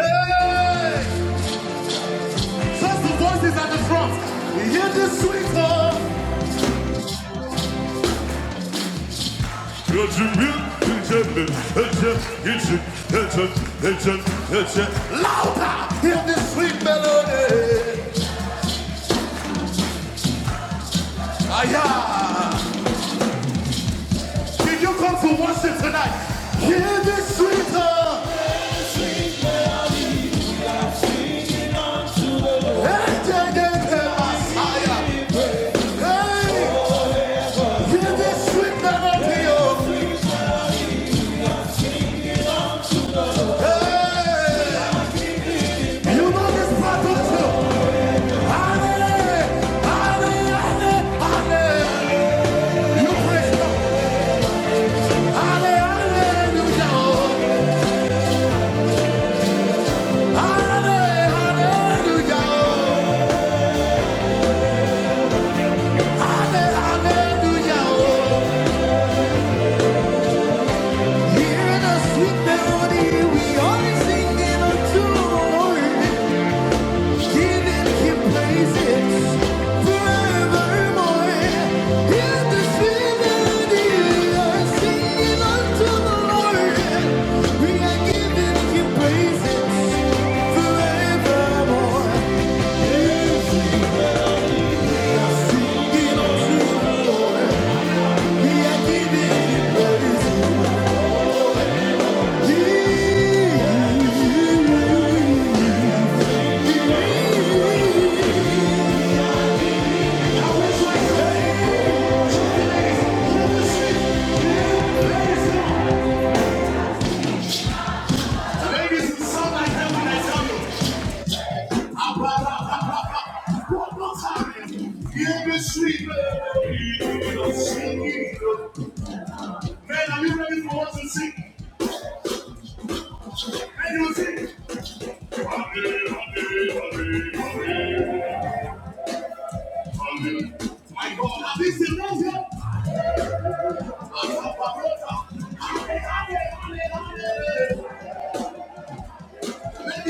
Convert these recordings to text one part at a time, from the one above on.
First the voices at the front. hear this sweet love. Got you real contentment. It's a- it's a- it's a- it's a- Louder! Hear this sweet melody. Aya! Did you come to worship tonight? Hear this sweet love. Hey, yeah, yeah, yeah, Hey, hear this sweet melody. oh. Hey. Hear the sweet melody we always sing in a tune. Giving Him praises forevermore. In the Trinity, we are singing unto the Lord. We are giving Him praises forevermore. Yes, we are singing unto the Lord. We are giving Him praises. He reigns. Ladies, sound like that when I tell you. Ah, bah, One more time. Give me sweet melody, singing. Man, are you ready for us to sing? And you sing. Honey, honey, honey, honey, My God, have these seen this yet? Hallelujah, hallelujah, hallelujah, bah, Yeah.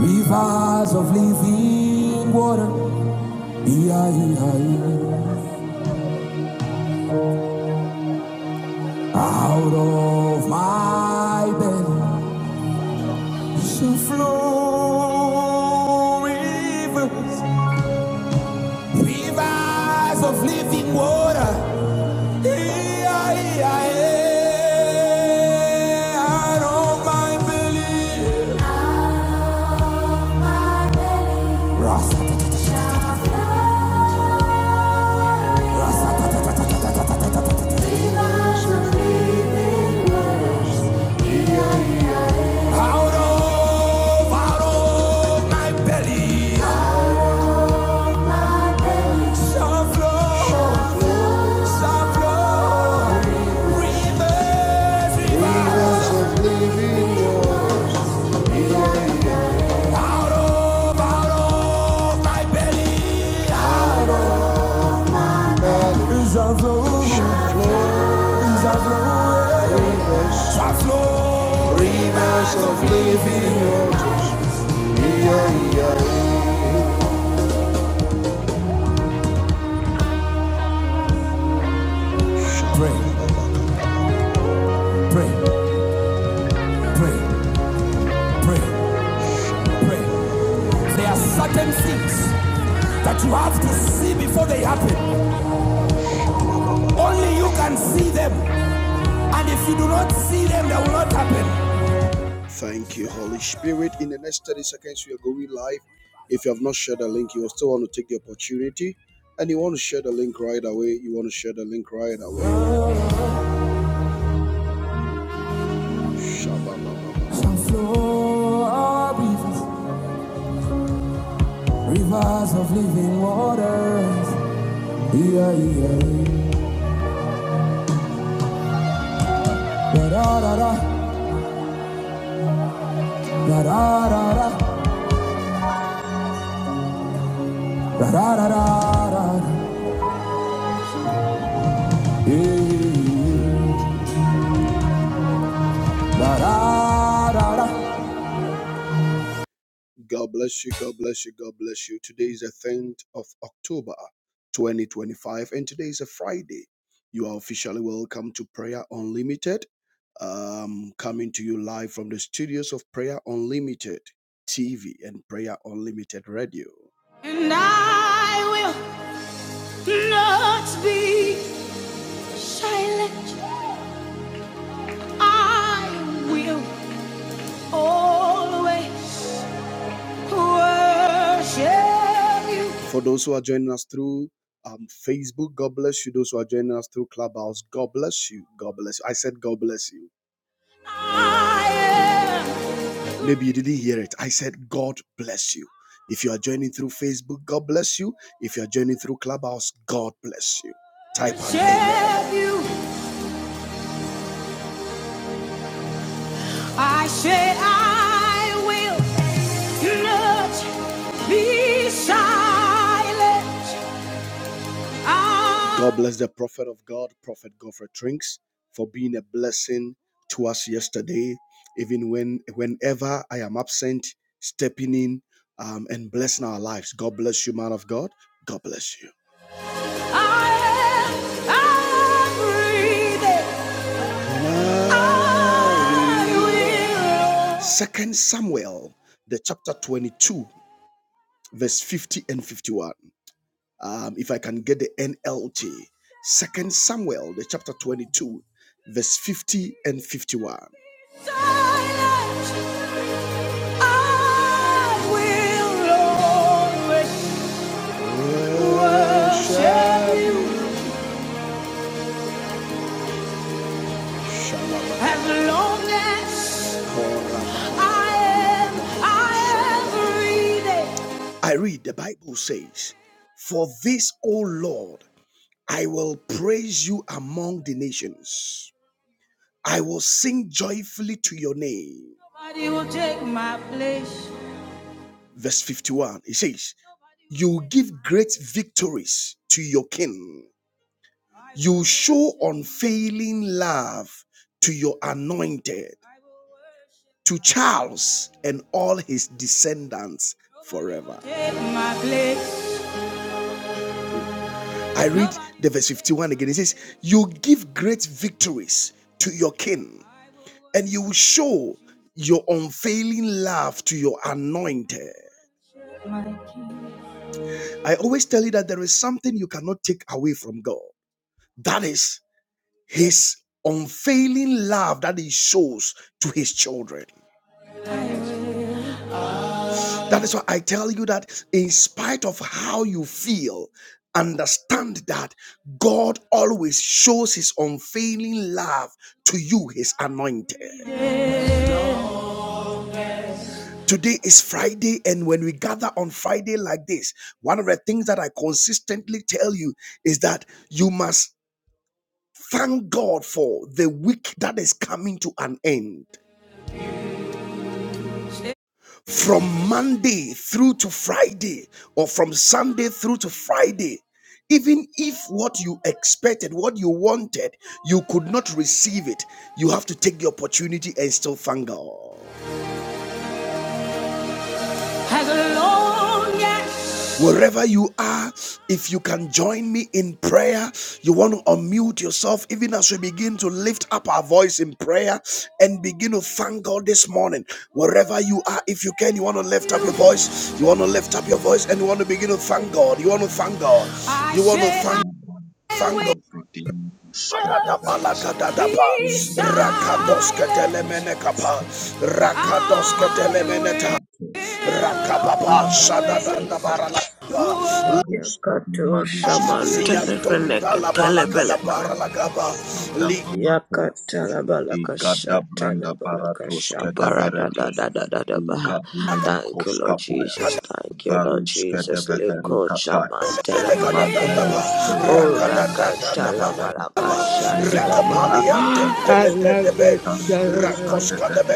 Rivers of living water, out of my belly shall flow rivers. Rivers of living water, out of my belly. Out of, out of my belly. Shall flow, shall flow. Rivers, rivers, out of, out of my belly. Shall flow, shall flow, shall flow. Pray, pray, pray, pray, pray. There are certain things that you have to see before they happen. Only you can see them. And if you do not see them, that will not happen. Shall flow our rivers, rivers of living waters. Yeah, yeah, yeah. Da da da da, da da da da, da da da da Yeah, yeah, yeah. Da da da da. And I will not be silent. I will always worship you. I am I will not be silent. I, am, I'm breathing. as long as I am, I am breathing. Nobody will take my place. Take my place, my king. I will. Kadumba As long as Muska Yakatu Pies, Varuska di Manuska shaman Tes, telefeleka telebeleka. Sadabalatas. Yakatalabalaka Igada blanda shatalabalaka baratos shabarada da kedeveretes. da da da da baha. Thank Igadunimikos you, Lord kapayas. Jesus. Thank you, Lord Varus Jesus. kedeveheri Liko katayas. shaman telefeleka he. Magrenos O kevadina dushe dedede. rakatalabalaka Inganda shatalabaha. blanta koska Alaka bilatanda koska talabalaka dedede.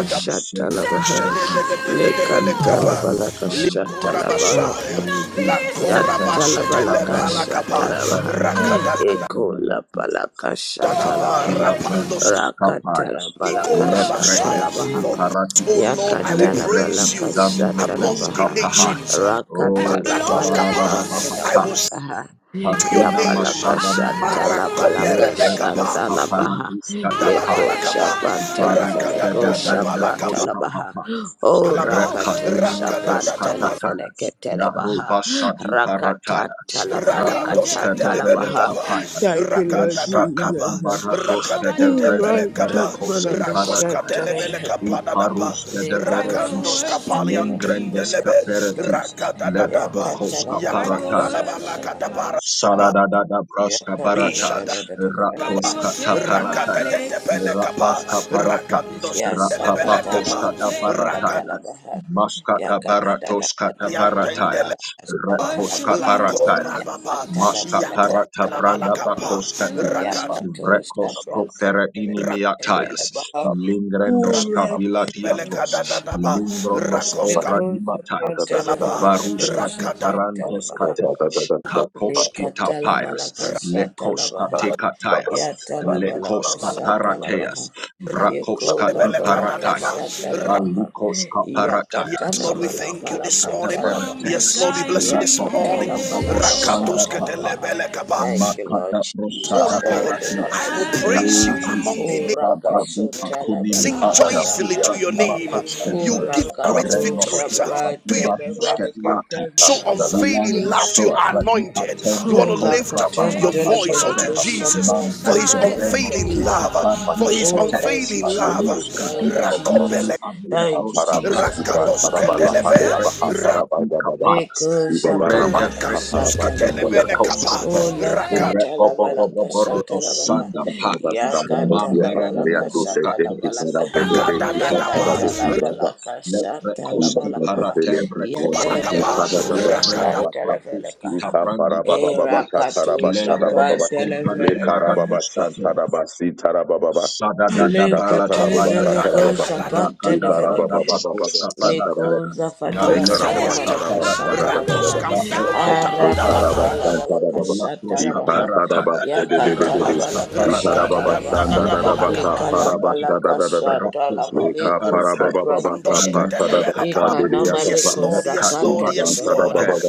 shatalabaha. Lika talabalaka zukakusadabahas. shatalabaha. Oh Jesus, we thank you. the of Karandos, Yatalabalakasha Talabaha Vadima, Ekola Lutskedevedatis. Balakasha Talabaha Kilabrantes, Kapayas, Rakatalabalakasha Levrekos, Talabaha Kiparatis, Yakatalabalaka Lekretis, Zanumokos, Shatalabaha Kapahai, O Rakatalabalaka Sararabahatatis, Nadabalakaha Padina Yapalaka Mashada Mates, Shatalabalaka Lebretes, Shatalabaha Kaparatis, Leko kapayas. Varus, Shapantanefeneko Gedevrende, Shapratalabaha Proskapapayas, O Rakatu Rekadunimi, Proskatatayas, Shapantanefeneke Telebaha Narobashadi, Paratayas, Rakatatalabalakata Rakoska devere Talabaha tapaya. Thank you, Lord Musaka Jesus. baratoska All devre de right, perekoski Tanabalaka parataya. Shatalabaha. Iparuska Yakato Sabra deveritis. Telebele Lengrendes Telebele kaperatis. Levrokoska Parata, Saradada Braska Barata, Rakoskata Parata, Rabaska Parata, Rakabakoskata Barata, Maskata Baratoskata Barata, Rakadadadaba, Rakoska Barata, Maska Parata Branda bakoska te, Vrekosko Feredini Miatayas, Baha Lingrenoska Villa Hura Diatos, Lingronosko Recurso Vradimatayas, planta leva Varuska lecadosa Di planta leva parandeska te. Kakoskita pias, lekoska Likatalabalakashatalabaha. tekatayas, lekoska Yatalabalakashatalabaha. parateas, vrakoska iparataya, Yakulabalakashatalabaha. alikoska paratayas, Yakatana rakoska Thank manafalakatalabaha. teperatayas, rakobobobobosanda Yakatalabalakashatalabaha. Thank you, Lord Makata Jesus. proshada Thank you, baratia. Lord Jesus. Oh Ah, Jesus. Shada di akonimi ate sopra di Urakasotalabalakashatalabaha. makostete. Urakatu Greno sopra di baruske di lata. shabratelebelekatana. Zilano sopra di atende Oh, la kovra di catan telefona manuskete. kushapra Mambrete telefona veno suka katelaba. Oh, parduskete. thank you, Jesus. Kaluska di Thank you, you. abdini Jesus. ande Thank you, broska Parados Jesus. Gibran payas. Thank you, Parabala Amende Jesus. Pandya Baha fretuska di Parabaja Baha kapalas. Leko Ida Kurende japanda Barabasa fretuska kasata de Parabasa Baba labaha. iakauska Ola katala bala Reboboboboboro kasata labaha. sanda pa Yakata mambere labala de kasata proskatoras labala kaha. lekrete Yakata vendaskate labala kasata lekrekoski labala kaha. paratembre Yadele koskite bele ko lekrendo shapan televele frakoski kaha. tabrandi bakaduas Erakatu lengrende japan skobrandi televele kaha. maraduskate Baba sada da da bala da Alekatu Baba vele bayataya ko Baba shapan raka da televele branda kaha. bakoska parataya Lekoza na fadia tana lekroska mana kashata parataya labaha. rakoska Harakata parataya labala kashata Rakoska labaha. Parataya, Yakata Rakoska labala kashata Parataya, labaha. Yakoska Ikala bala Parataya, kashata labale Rakoska kuske Parataya, brandehe. Alefre Ikanama Aparatis, Yes, Ikarababa reko Lord, yes, Lord, sapante yes, Lekadimatus lefele Lord. Kate, kaha.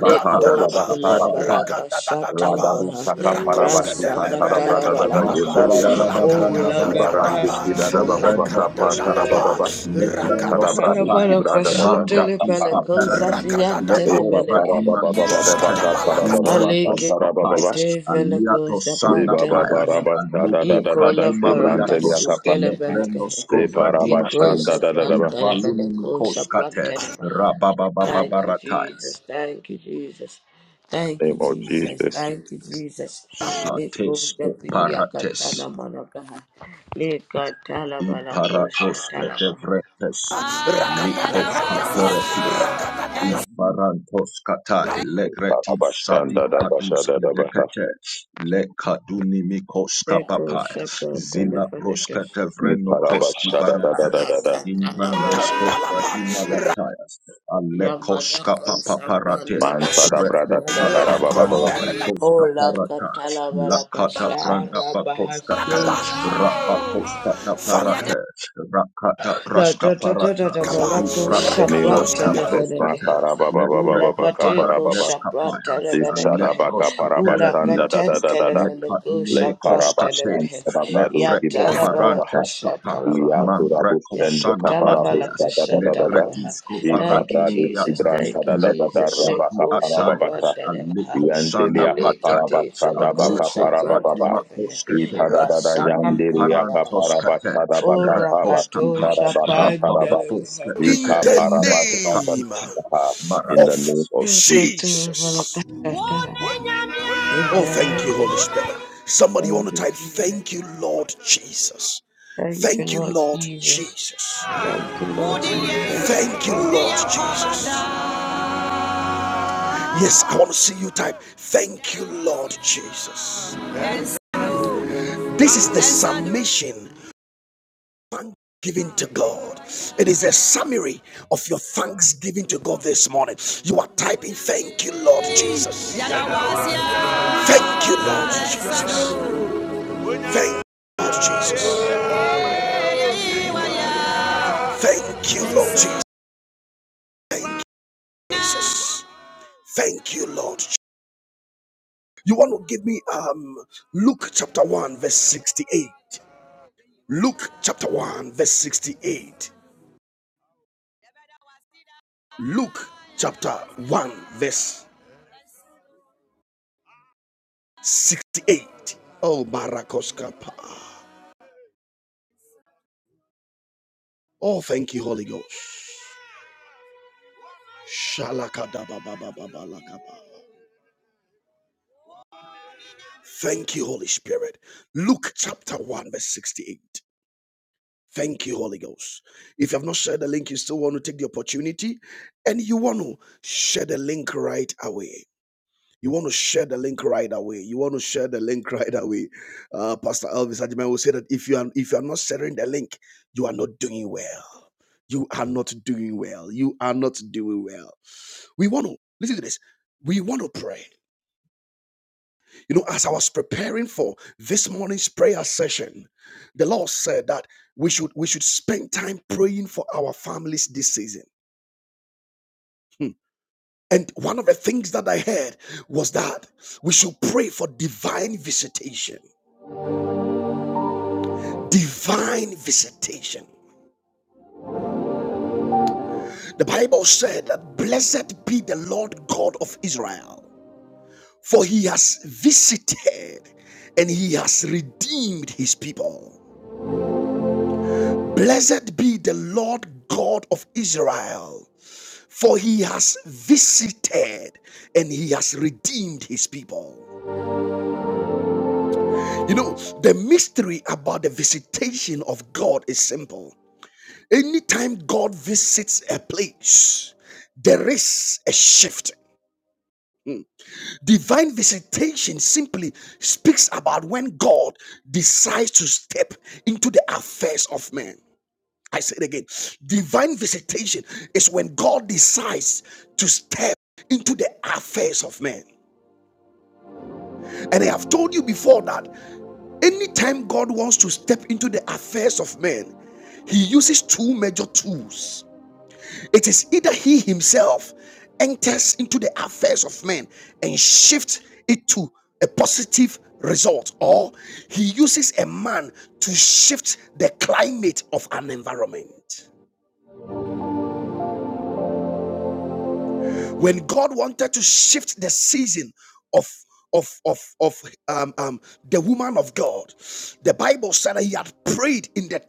Leko la Parataya. bala kashata Rakadadadaba, labaha. Rasa kata Rakoskadelebelekadaba, labala kaha. Masararada Oh branda barapa, lagata. Ibarande Lakadadadaba, Kidada Baba zovranda Baka Pantara toskate, Baba Dadadaba, Baba Ikada lebrandos Rakadadadaba. Dadadaba, Rakadadaba. Bradus Kalabala Ibrada Bada koshutele Yaka mambratis pele Para aparadis, kozafian tene Lepa meneke. lekofradi Para Baba Baba Baba manusete, Baka Para Baba Baba Alike imbrantos Santara Baba kapayas, Baba te vele aliatos kozapan sanda Leba tene Baba payas, baha. Rabasta Da Da Da Iko Da la Da alikofradi baraka Sibrante maliatos, su Yakapa tele beleke. lebrenos Lepa kovradi Iko mateas, Rabashanda Da Da Da sapran Da Ba. tene vele ivaluni kozapran nikoskate, tene baha. Thank you, Jesus. rababababaratayas, Thank you, Jesus. Thank you, Name of Jesus. Jesus Thank you, Jesus. Leko sates japilia oparates. katana manakaha. Leka talabala Iparatoske kosha devretes lipos aperatis ufarantos katai legretis sadik Parabashanda Da Da Basha kadus Da Da Ba. kedekete le kaduni mikos Eko kapapai Shepherd zila proskete Telephonekeshet Ni vreno koski Niparabashada Da Da barate Da Da Da Alakatalabala. ingranosko fatima latayas ale koska Yamadako Shakwan papaparate Mansada Brada rekopata Telephonekatala Karababa Baba Paha. branda Baba. makoska Ola parata Katalabala lakata branda Kashara bakoskate Bahasun. Rapaposkata parata, Rakata La praska da da da da parata, da balako the name of shabrata Raposanta Jesus, proskata, nevenekehe. Ula Lepreco bateko Makarababa, paranescapaya, shabrata nevenekehe. Shadabaka Leprosca Ula Parabashanda da da katen da peradiatus, da da televeneko Le shabrata Parabashan nevehe. Lecatinimicoskates, Parabadu Lepreco Kibran Yatala balaka Parabaha parantescapa, shatala Mambreco Yaturabustan the sana mateas, Kaparabusta da da da da da Yakotalabalakashatalabaha. Lecretisco Thank you, Ipabradu Jesus. faradinimiata, Kibran da Thank you, da da da Leco da Jesus. sani Rabaka Leko ataya, Parababata Shabrantelevaha. Alico sana Yandeliaka mataya, Alekete Parabata Felako Dabaka Alico Parababa fatima Shabrantelevaha. Ita da da da Yandeliaka Rasakatalabalakaha. Aliparantoskate, Parabata Dabaka Paba Orakato Ita raposkapaj, Rabaka Taraba Shabrantelevaha. Ika rapaposkatee, Parabasta da mekopapata, da. in the baratins, name of Jesus. Yakotalabalakashatalabaha. Amen. Thank you, Jesus. Thank you, Lord Jesus. Thank you, Lord Jesus. Thank you, Jesus. This is the submission. given to God this morning. You are typing, Thank you, Lord Jesus. Jesus'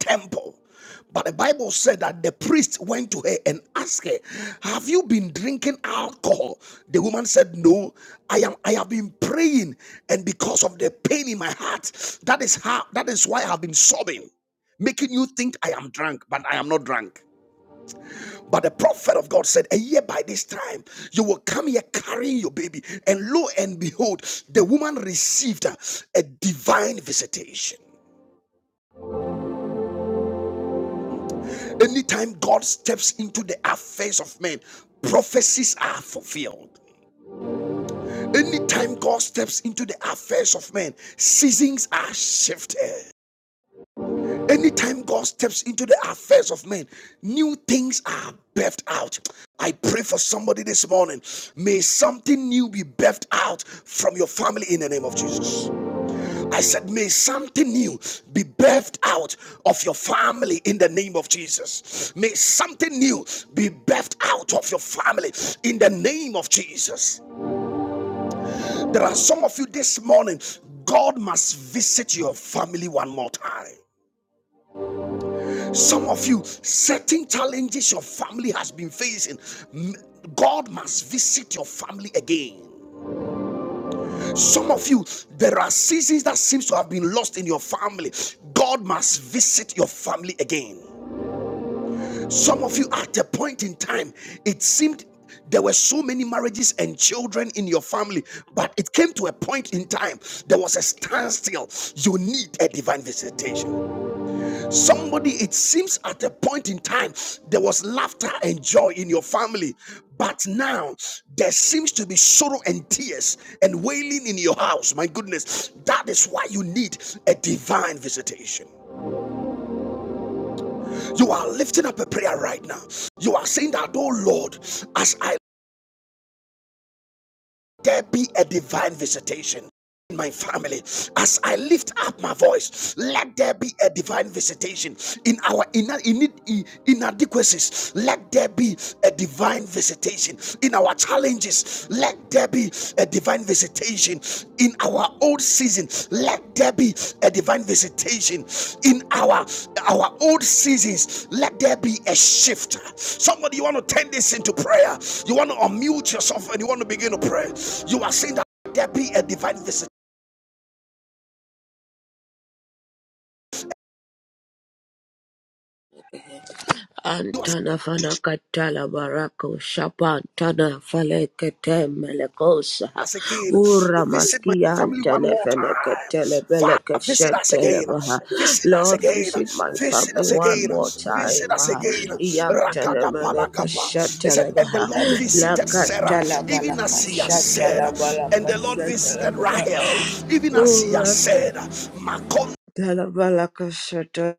temple. But the Bible said that the priest Have you been drinking alcohol? But I am not drunk. But the prophet of God said, A year by this time, you will come here carrying your baby. And lo and behold, the woman received a, a divine visitation. Anytime God steps into the affairs of men, prophecies are fulfilled. Anytime God steps into the affairs of men, seasons are shifted. God must visit your family one more time. Some of you, certain challenges your family has been facing, God must visit your family again. Some of you, there are seasons that seems to have been lost in your family. God must visit your family again. Some of you, at a point in time, it seemed there were so many marriages and children in your family. Antana fana katala barako shapantana falekete melekosa ura maski antana fana katele beleke shetele baha. Lord, visit my family one more time. ah. Yantana meneke shetele baha. la Lakatala balaka shetele balaka shetele baha. Ura tala bala shetele.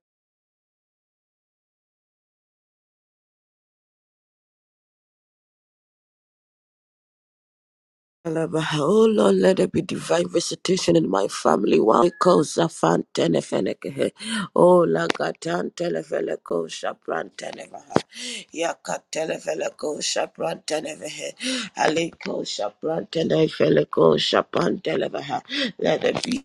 Alabaha. Oh Lord, let there be divine visitation in my family. One calls a fan tenefenekehe. Oh Lagatan telefeleko shapran tenevaha. Yaka telefeleko shapran tenevehe. Aliko shapran tenefeleko shapan televaha. Let there be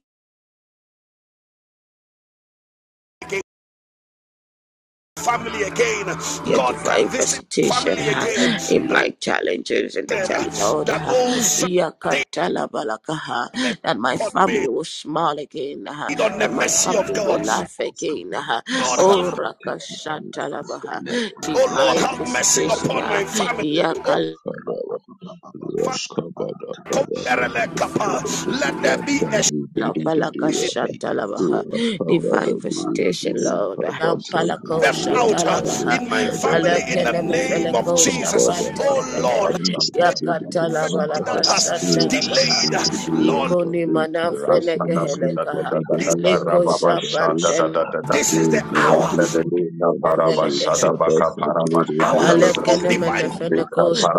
Your divine visitation ha, in my challenges and the challenge order ha, yakatalabalaga, ha, that my family will smile again, ha, that my family will tapiskone, laugh again. poskana, ha. Oh, sujete, popas, rakashatalabaha, divine leppuksuna, visitation. muistin, Ha, popa, yakal rapapapapapaposkapa, ratimas, jampu, poskone, Lampalaka poskape, Shatalabaha. Divine visitation, Lord. poskape, Lampalako Shatalabaha. poskape. Alekenemefeleko Thank Rabba Shapratanevehe. Yakatalabalaka Shatalabaha. Ikoni mana Manafenekehelekaha. Leko Rakabada Sunday, Shapantelevekehe. Alekenemenefeneko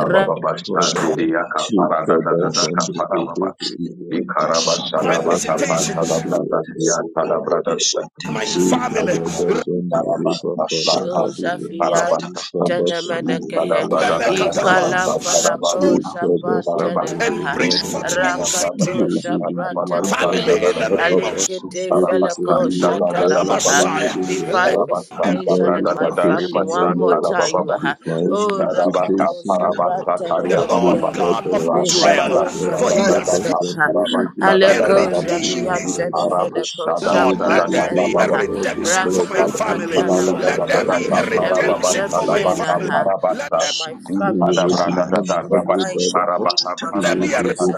Josefian you. Son Tenemenekehe of Ikala Palako Divine visitation, Shapantenevaha Rakato Shapantenevehe Ikarabashada Alikete Felako Karabasanda Bagada Baba. Shatalabaha Divine Karabasanda visitation and my Bradagada family O one Ribasan more Lord. time Karababa. Maha. Divine Oh Sadabaka Rakato visitation, O a Parabasa Lord. bitch. Karia Shapantenevenekehe Baba. Lika Thank basandere Rasadada Lekato bara Shapanta Sadada bara Nevaha, sandere de Karabasada de Dada de Aleko de Dada. de Zapianta andare. Arabu Nefeleko Sadada De Dada Shapanta Dada Baba. Nevaha, Rasakata Labalakaha, and redemption uh, of my family Baba uh, in the mighty name of Jesus.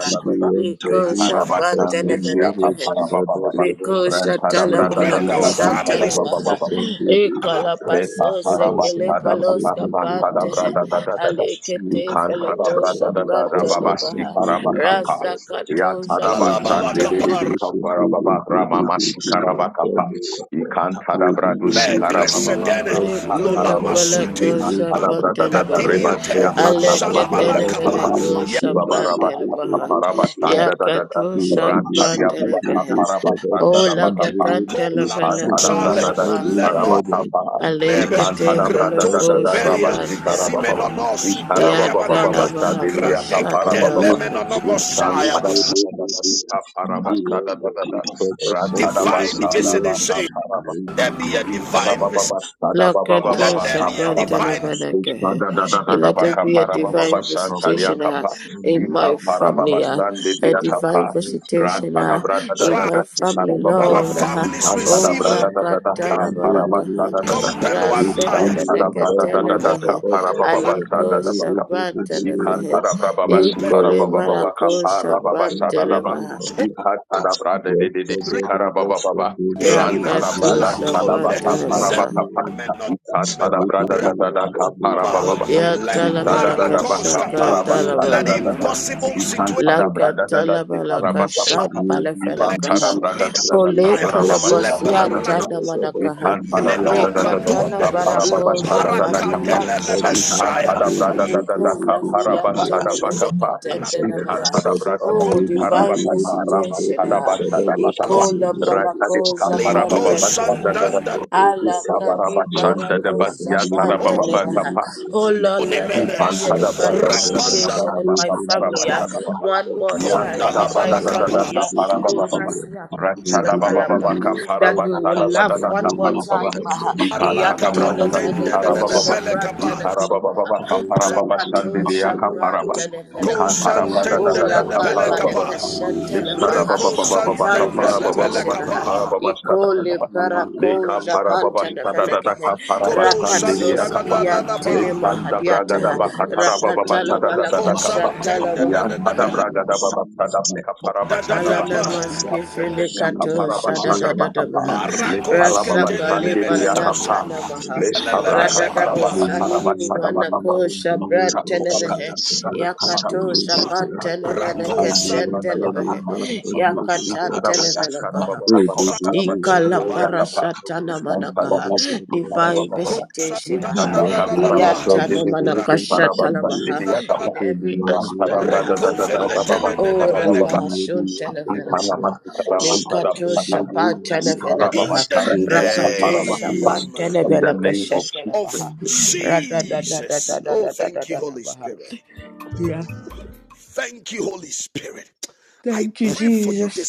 Leko Zapanta Nefelekaha. Liko Ranta da shatala brada da da balaka da da da shatana ba ba ba maha. ba Ikala Meka paso paraba sekele tada palos baba tada kapante. brada da da da da Alikete Ikan tada feloko brada da da da shaprante baba si nevaha. Sunday, paraba kapa. Raza Baba Ya kato tada Sunday, basan de de japaniate. de de kapa baba rama masi karaba kapa. Ikan tada bradu si karaba baba rapa Liko la tada baba. palako Ikan Massa tada brada shapante da da nevaha. reba ya tada basa Alekete kapa. neveneko Iba baraba shapante nevaha. kapa raba san da da da da. Yakato Ran tadia shapante baba nevaha. kapa raba san da da Ola baba kapa. gatante Ikan tada neveneko brada da si shapante. karaba kapa. Alekete Ikantada brada Thank da da velako da rabasti shapran karaba delabaha. baba. Ikaraba baba baba Yatala shadili baraka akapara baba shatala baba. baha. Ikantada brada da da kapara basta da da da da. Ratada basta da da kapara baba Thank baba. Ikaraba baba sada baba baba Lakato baba kapara baba da Shapantanovanakaha. da da da And Let there be a divine da visitation ah, in my family, ah. a you. divine visitation ah, in my family, Thank Lord. ah. Oh, you. Zakatalabalakaha, Rakata ka Rasenefenekatelebehe, para Aliko Thank Shapantanavahe, Ikantara brababa sukara Inkole baba baba Malako kapara baba sadadaba. Shapantanabaha, Ikantara brada de de de sikara baba baba. Rantara Yakato brada sadaba kapara baba Shapantanabaha. baba. you. Ikantara brada da da da kapara baba baba. Ya Bisada da talabalaka da baka shaka para basada da da da. talabalakaha. Ikantara Laka brada da da the sikara talabalaka baba baba. Masukataya, Rakabada shampalafelakaha. Ikantara brada da da Masukataya, da Ole kapara baba Masona sada da kalapasia da da Mukate, da. Stella tanamanakaha. Obia Ikantara brada Le Kataya, da da da da katana kapara baba barako Namikoskataya, sada da da kapa. zafandia tanamaha. Ikantada Satatapaya, brada da da da Aleko ka zafia paraba Kostapaya, sada baka tanamanaka pa. Kostatia, tandalamaha. Ikantada brada da Oh, ikara Kostapaya, divine baka pa rama visitation. sada ah. basa da baka pa. Iko la Rata des barako ka paraba baba sada zafantanamaha. da da. Allah Ikabara kani basanda da barako ba ya sada sapanta baba baka nebaha. Oh Lord, let there Ikan be a tada divine brada visitation in my Sunday, family. Yeah. One more time in my da family. Yeah. da Oh Sunday, Rasia Thank Katalabalabaha. you. That we will love one more time. Baha. Matapaya, Yatana Fenako Thank Telekaha, Rakato Shapra Telefelekaha, O da Laka kapara baba Palekesha Lishada Televaha, baba baba baba Divine kapa baba baba Visitation, aha. kapa baba shada Iko baba baba. Liberako Leka para Japan baba shada dada Telefelekaha, kapara bastan dili akapa. Rakatsoski Antenema Lishanda braga da Hadiataha, baka tara baba baba Rakatala shada dada Balakasha kapa. Talavaha. Yan pada braga da baba shada baka para bashada ba. Alana maske fili Kapten ya kato kapara shada da bashada da baka da pa. baha you. Lekara baba rasaka stan le dili paliata akapa. namaha Lishta braka rada da tara bo baka Thank you. tara shani ni ni bashada mana baka pa. ko shabran Santika braga tenevehe tara baka para yakato bashada baka japan in the tenevene ketchen televehe yakata televele Ikalaparashatana manakaha. Divine visitation. aha. Iyatana manakashatalabaha. In every aspect. aha. O rakaha shuntana venakaha. Likato Makata shapatana Escapaya, venakaha. Fred Mosca, Rakato Fred shapatana Mosca, name of Jesus. velakashatalabaha. In the mighty name of Radadadadadadadadadadabaha. Yeah. Thank you, Jesus.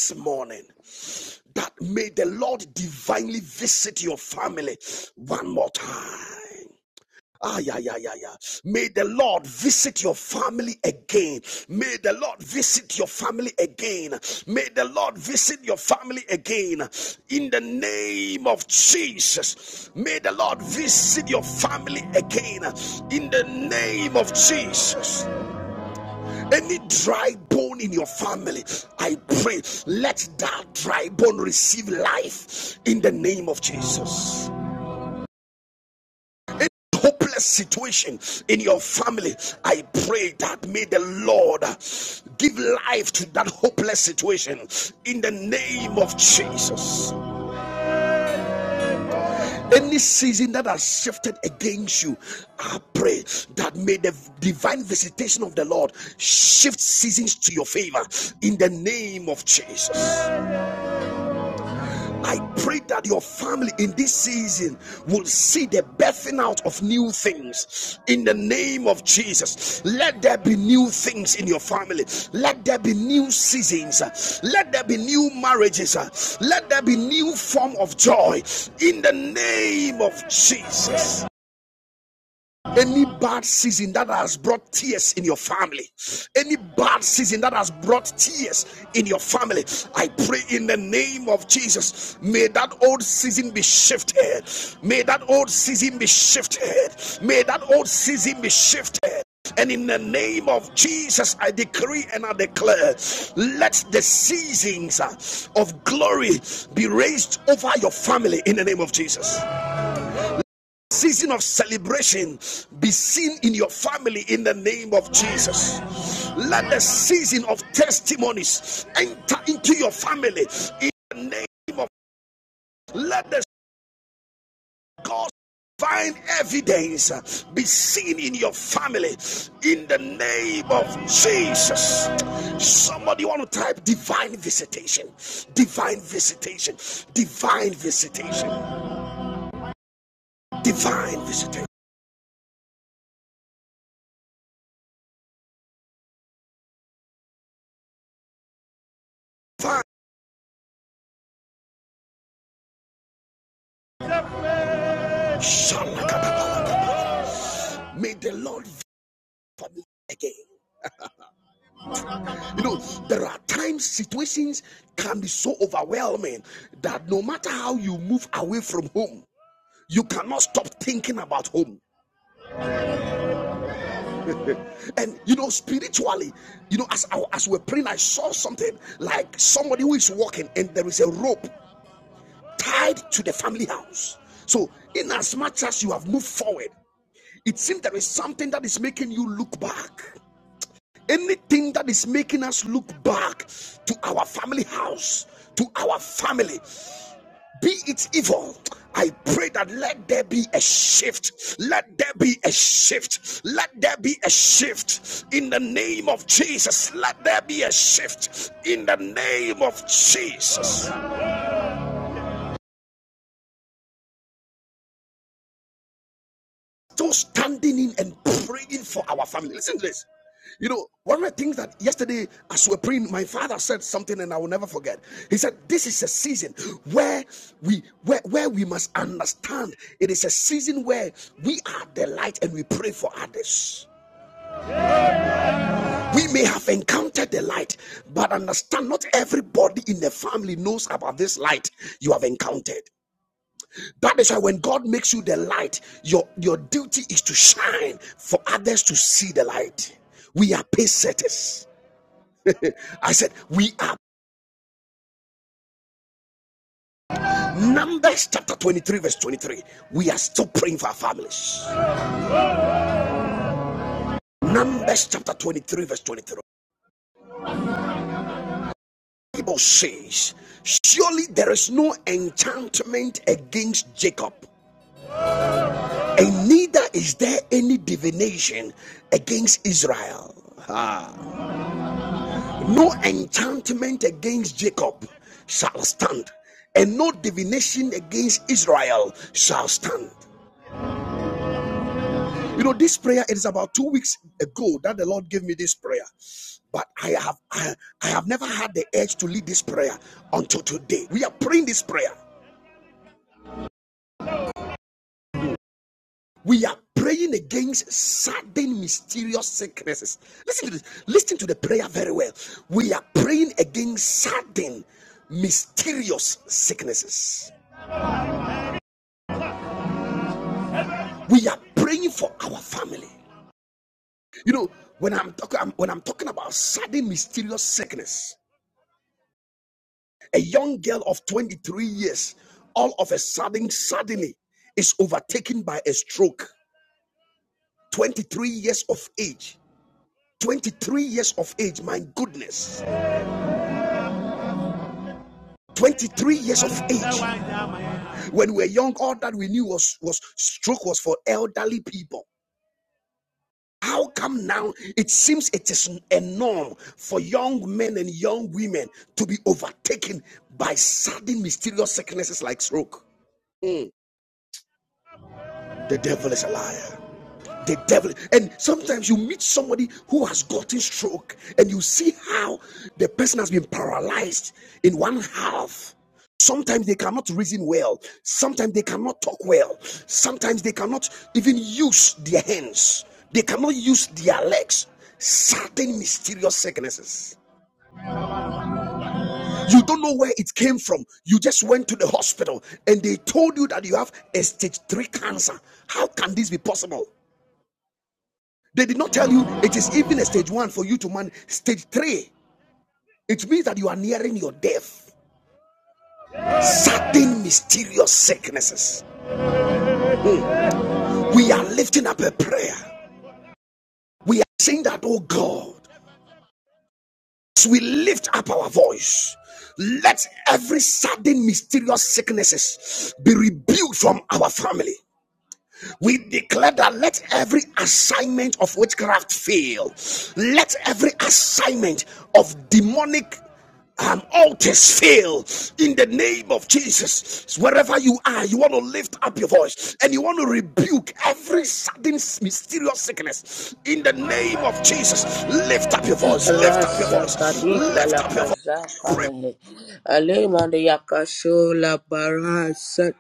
Rasha kanipa la kaza kalehe. Ale mande yakasho la barasa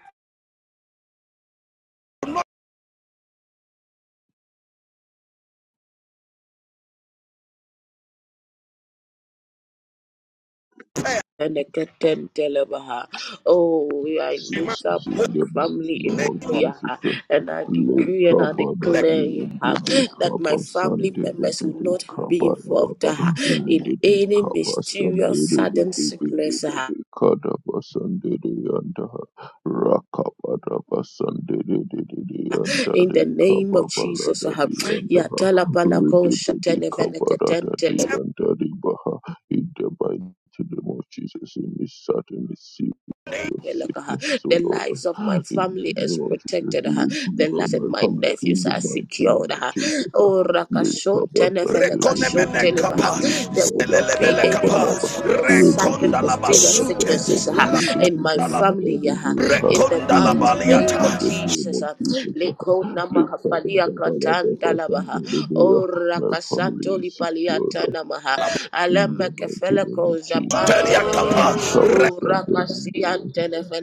and the keten telebaha. Oh, I lift up my In the mighty family in name of prayer ha, Jesus, and I le decree and I kabada de declare ha, indi de that my kaba family sande de members de will de not be kaba da ba involved ba ha, de in de any kaba sande mysterious de de sudden de de de sickness. de ha. de kada ba sande de yanda rakaba da ba sande de de de de anda In de the name kaba of ba Jesus, ha. de yanda Yatala palako de de de shantene kaba de veneketen yanda de ba in the mighty name of Jesus in this certain your sicknesses, O The Lord. lives of my In family the is name of Jesus, protected. be uh, The removed lives from of my my family. In nephews the are mighty name secured. of uh, Jesus, Oh, let Rakashon cover and the Tenefenekashon Teleba. Rebbe uh, and There will the not be cover any balaba. news of, of Ready to sudden the cover mysterious and the sicknesses uh, Rebbe and in the my family. uh, Rebbe. In the be mighty rebuked name in of the name Jesus. of uh, Jesus. Liko Let cover namahafalia katanda balaba and labaha. the Rebbe. Ora My family kasanto is secured. lipaliata namaha. In the Alama mighty kefele name of koza Jesus, uh, pantenevehe. we cover Ora Sunday.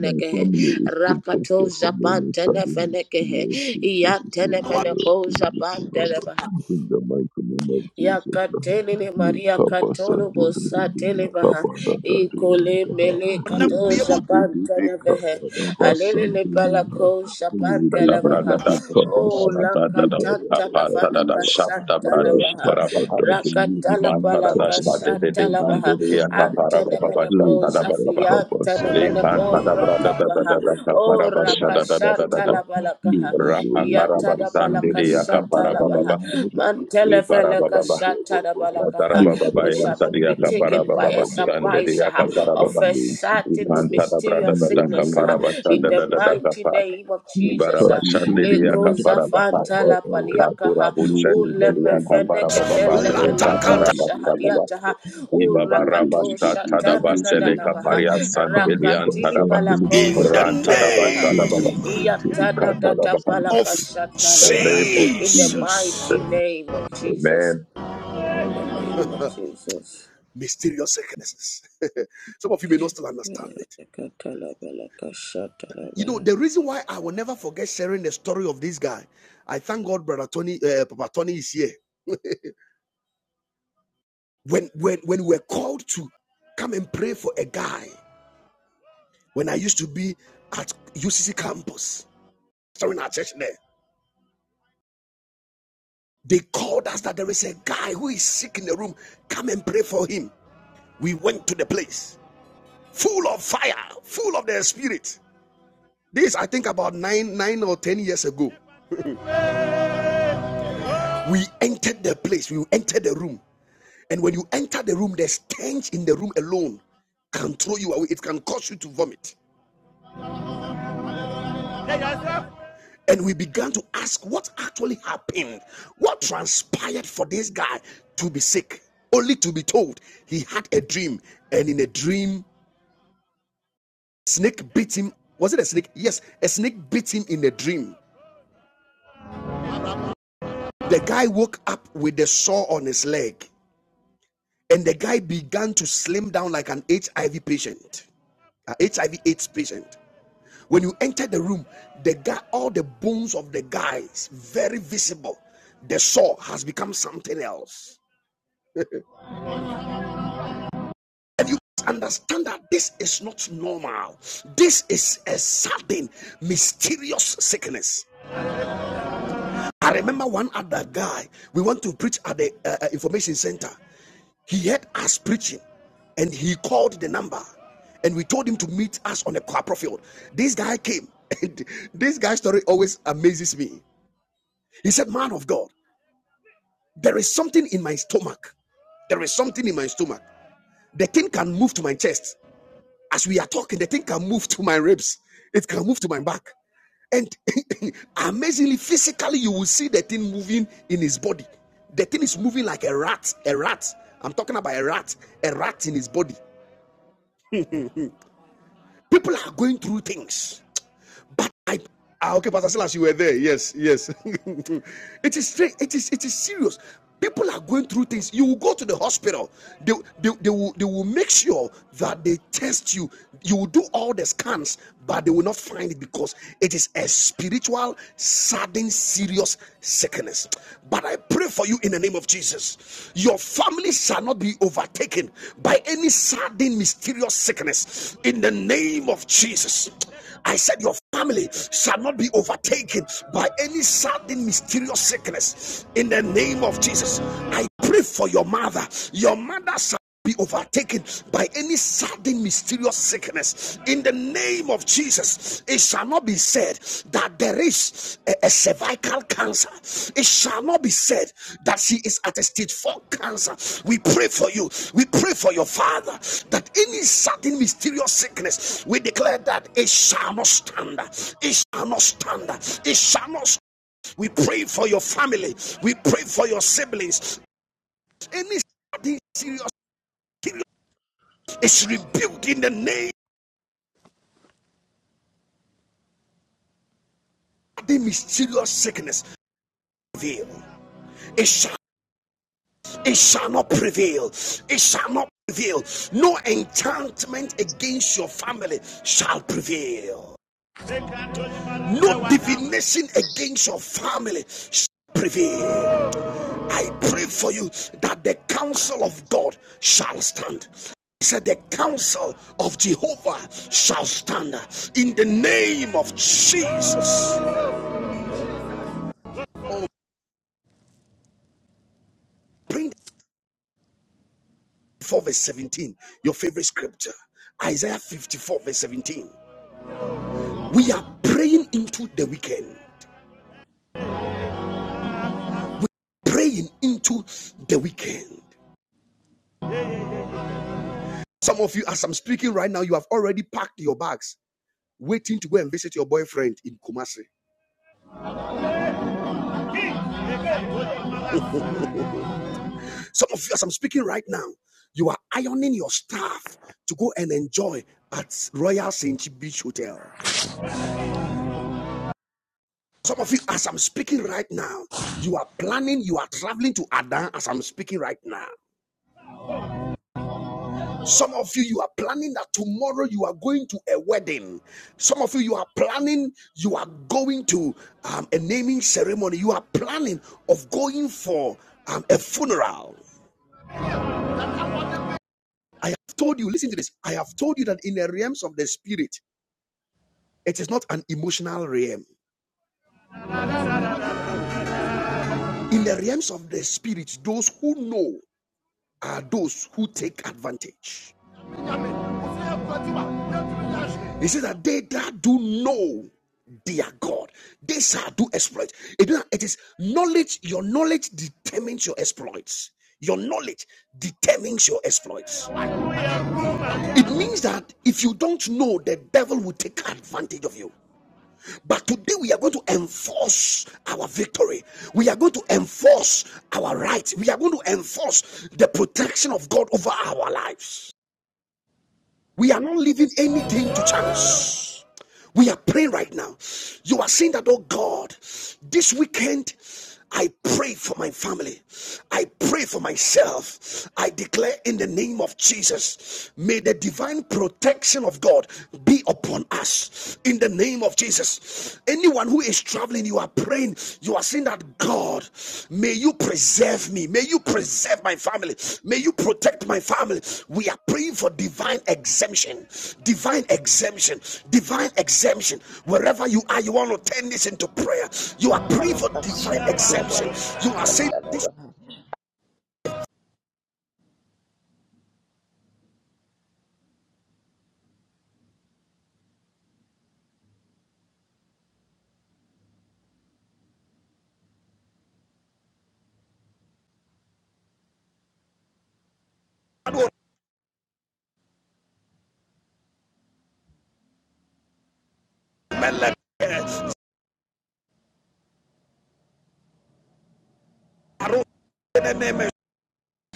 My family is protected Rakatoza from any sudden pantenefenekehe. mysterious sicknesses, O Iantenemene Lord, koza illness, O Lord. pantenevaha. In the mighty name of Jesus, uh, Yakatelele we Maria cover Sunday. Katolo Bosa We Telebaha cover that day and we Ikole cover Mele Kato Japanta Nevehe that Alele Sunday. Palako Ibarabashandiri Japanta Lavaha O La We cover Katanta Nafana Sunday. Kasata Rakabada Lavaha my Rakatala Palaka Sata Lavaha Antana Menako Zafianta Menako Ratapaha O Rakashata Lavalakaha Yatada Balakashata Labaha akaparaba Mantele Shatarabalakaha. We shall not be taken by a surprise ah, of a family is certain secured mysterious in the sickness ah, name of in the Jesus mighty name of Jesus. ah. sabi hodi Sabihubi yanditse Lekozafantala amagambo Lakura paliakaha. Buchen, Beriaka Parababa, Reka Parababa, Ulemefeneketelepelekoshahadiataha. Ibaba Rabasha Tadaba, Sedeka Urakatoshatanananamaha. Paria Santelian Tadaba, Ran Tadaba, Rakatilipalakoshatalabaha. in Iyatadatatabala- Shatalabaha. Tadaba, the mighty name of iyatadadata Ikantadaba, palaka Jesus, in the shatalabaha. name of In the mighty Jesus. name of amen Jesus. In the name of Jesus. Ekatalabelakashatalaba.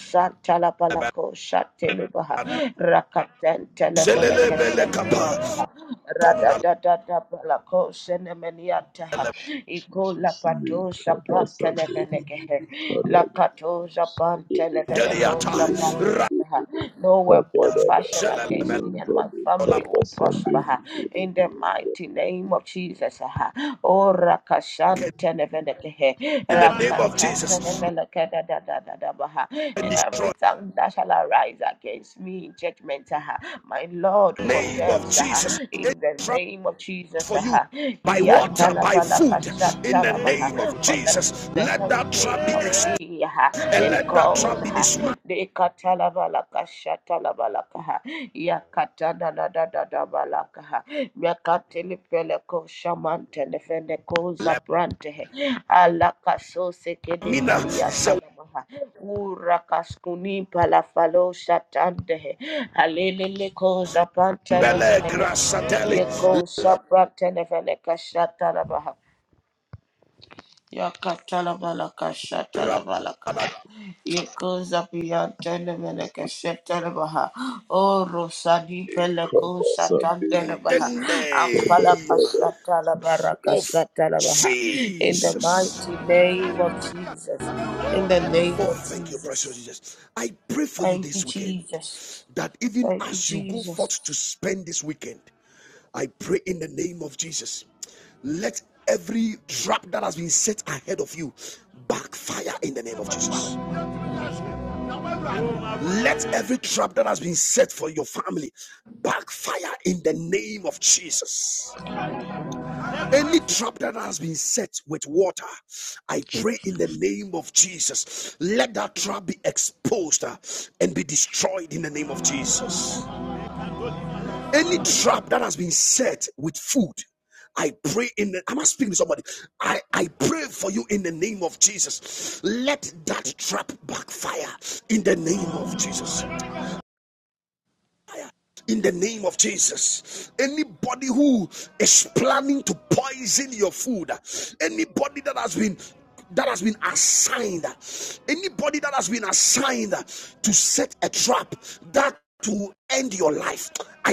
Santalapalako Shatelebaha Rakatan Telefeleke Sepelabaha Radadadada Palako Senemeniataha Iko Jesus, ne Lapato Sapan kabasan duri Televelekehe khada Lakato basan Zapan duri Televeleko Zapaniataha No weapon kabara fashioned against dara me and my anjali family will kabasan prosper ha, in the duri mighty name of Jesus. ha. Oh, Rakashantenevenekehe, Rakatatenevenekedadadadadabaha. And every tongue that shall arise against me in judgment, ha, my Lord condemns ha, in the name of Jesus. ha. Iyatalavalakashatalabaha. For the this is the heritage of me ha, in gold. ha. De katalabalaka shatalabalaka ha. Ya katana da da da da balaka ha. Ya katili pele ko shamante ne fene ko zabrante he. Alaka so sekele palia tanama ha. Ura kaskuni pala falo shatande he. Alelele ko zabrante ne fene ke he. Ye ko zabrante ne fene Yakatalabalaka shatalabalaka. Yekozapiyan telemeleke shetelebaha. O rosadi peleko Incredible Sunday. satandelebaha. Apalapa satalabaraka satalabaha. In the mighty name of Jesus. In the name of Jesus. Thank you, Jesus. Thank you, Jesus.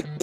mm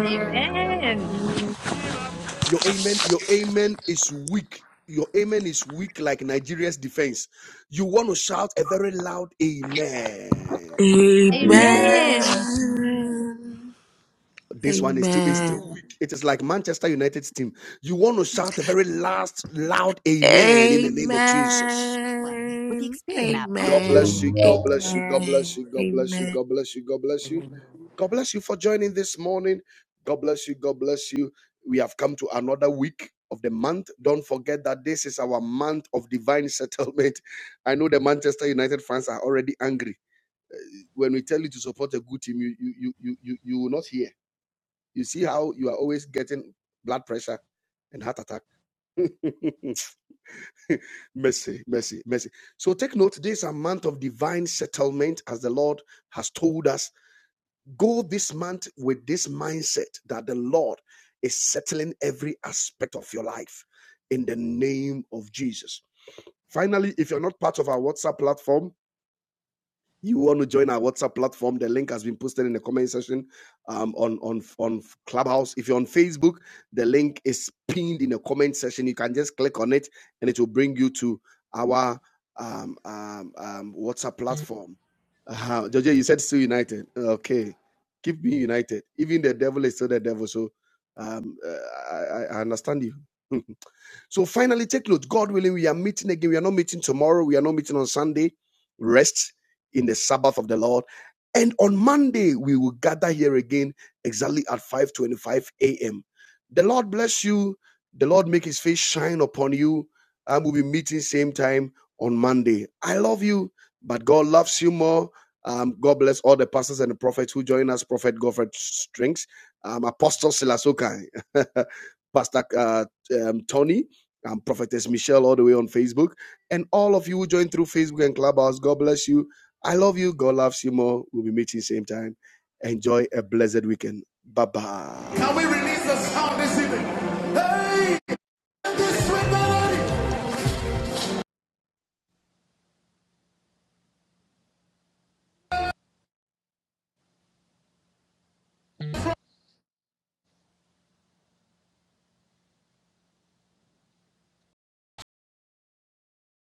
Amen. Amen. Amen. Amen. Amen. Amen. Amen. Amen. Amen. Amen. mm, Can we release the sound this evening. Hey, sweet melody. mm.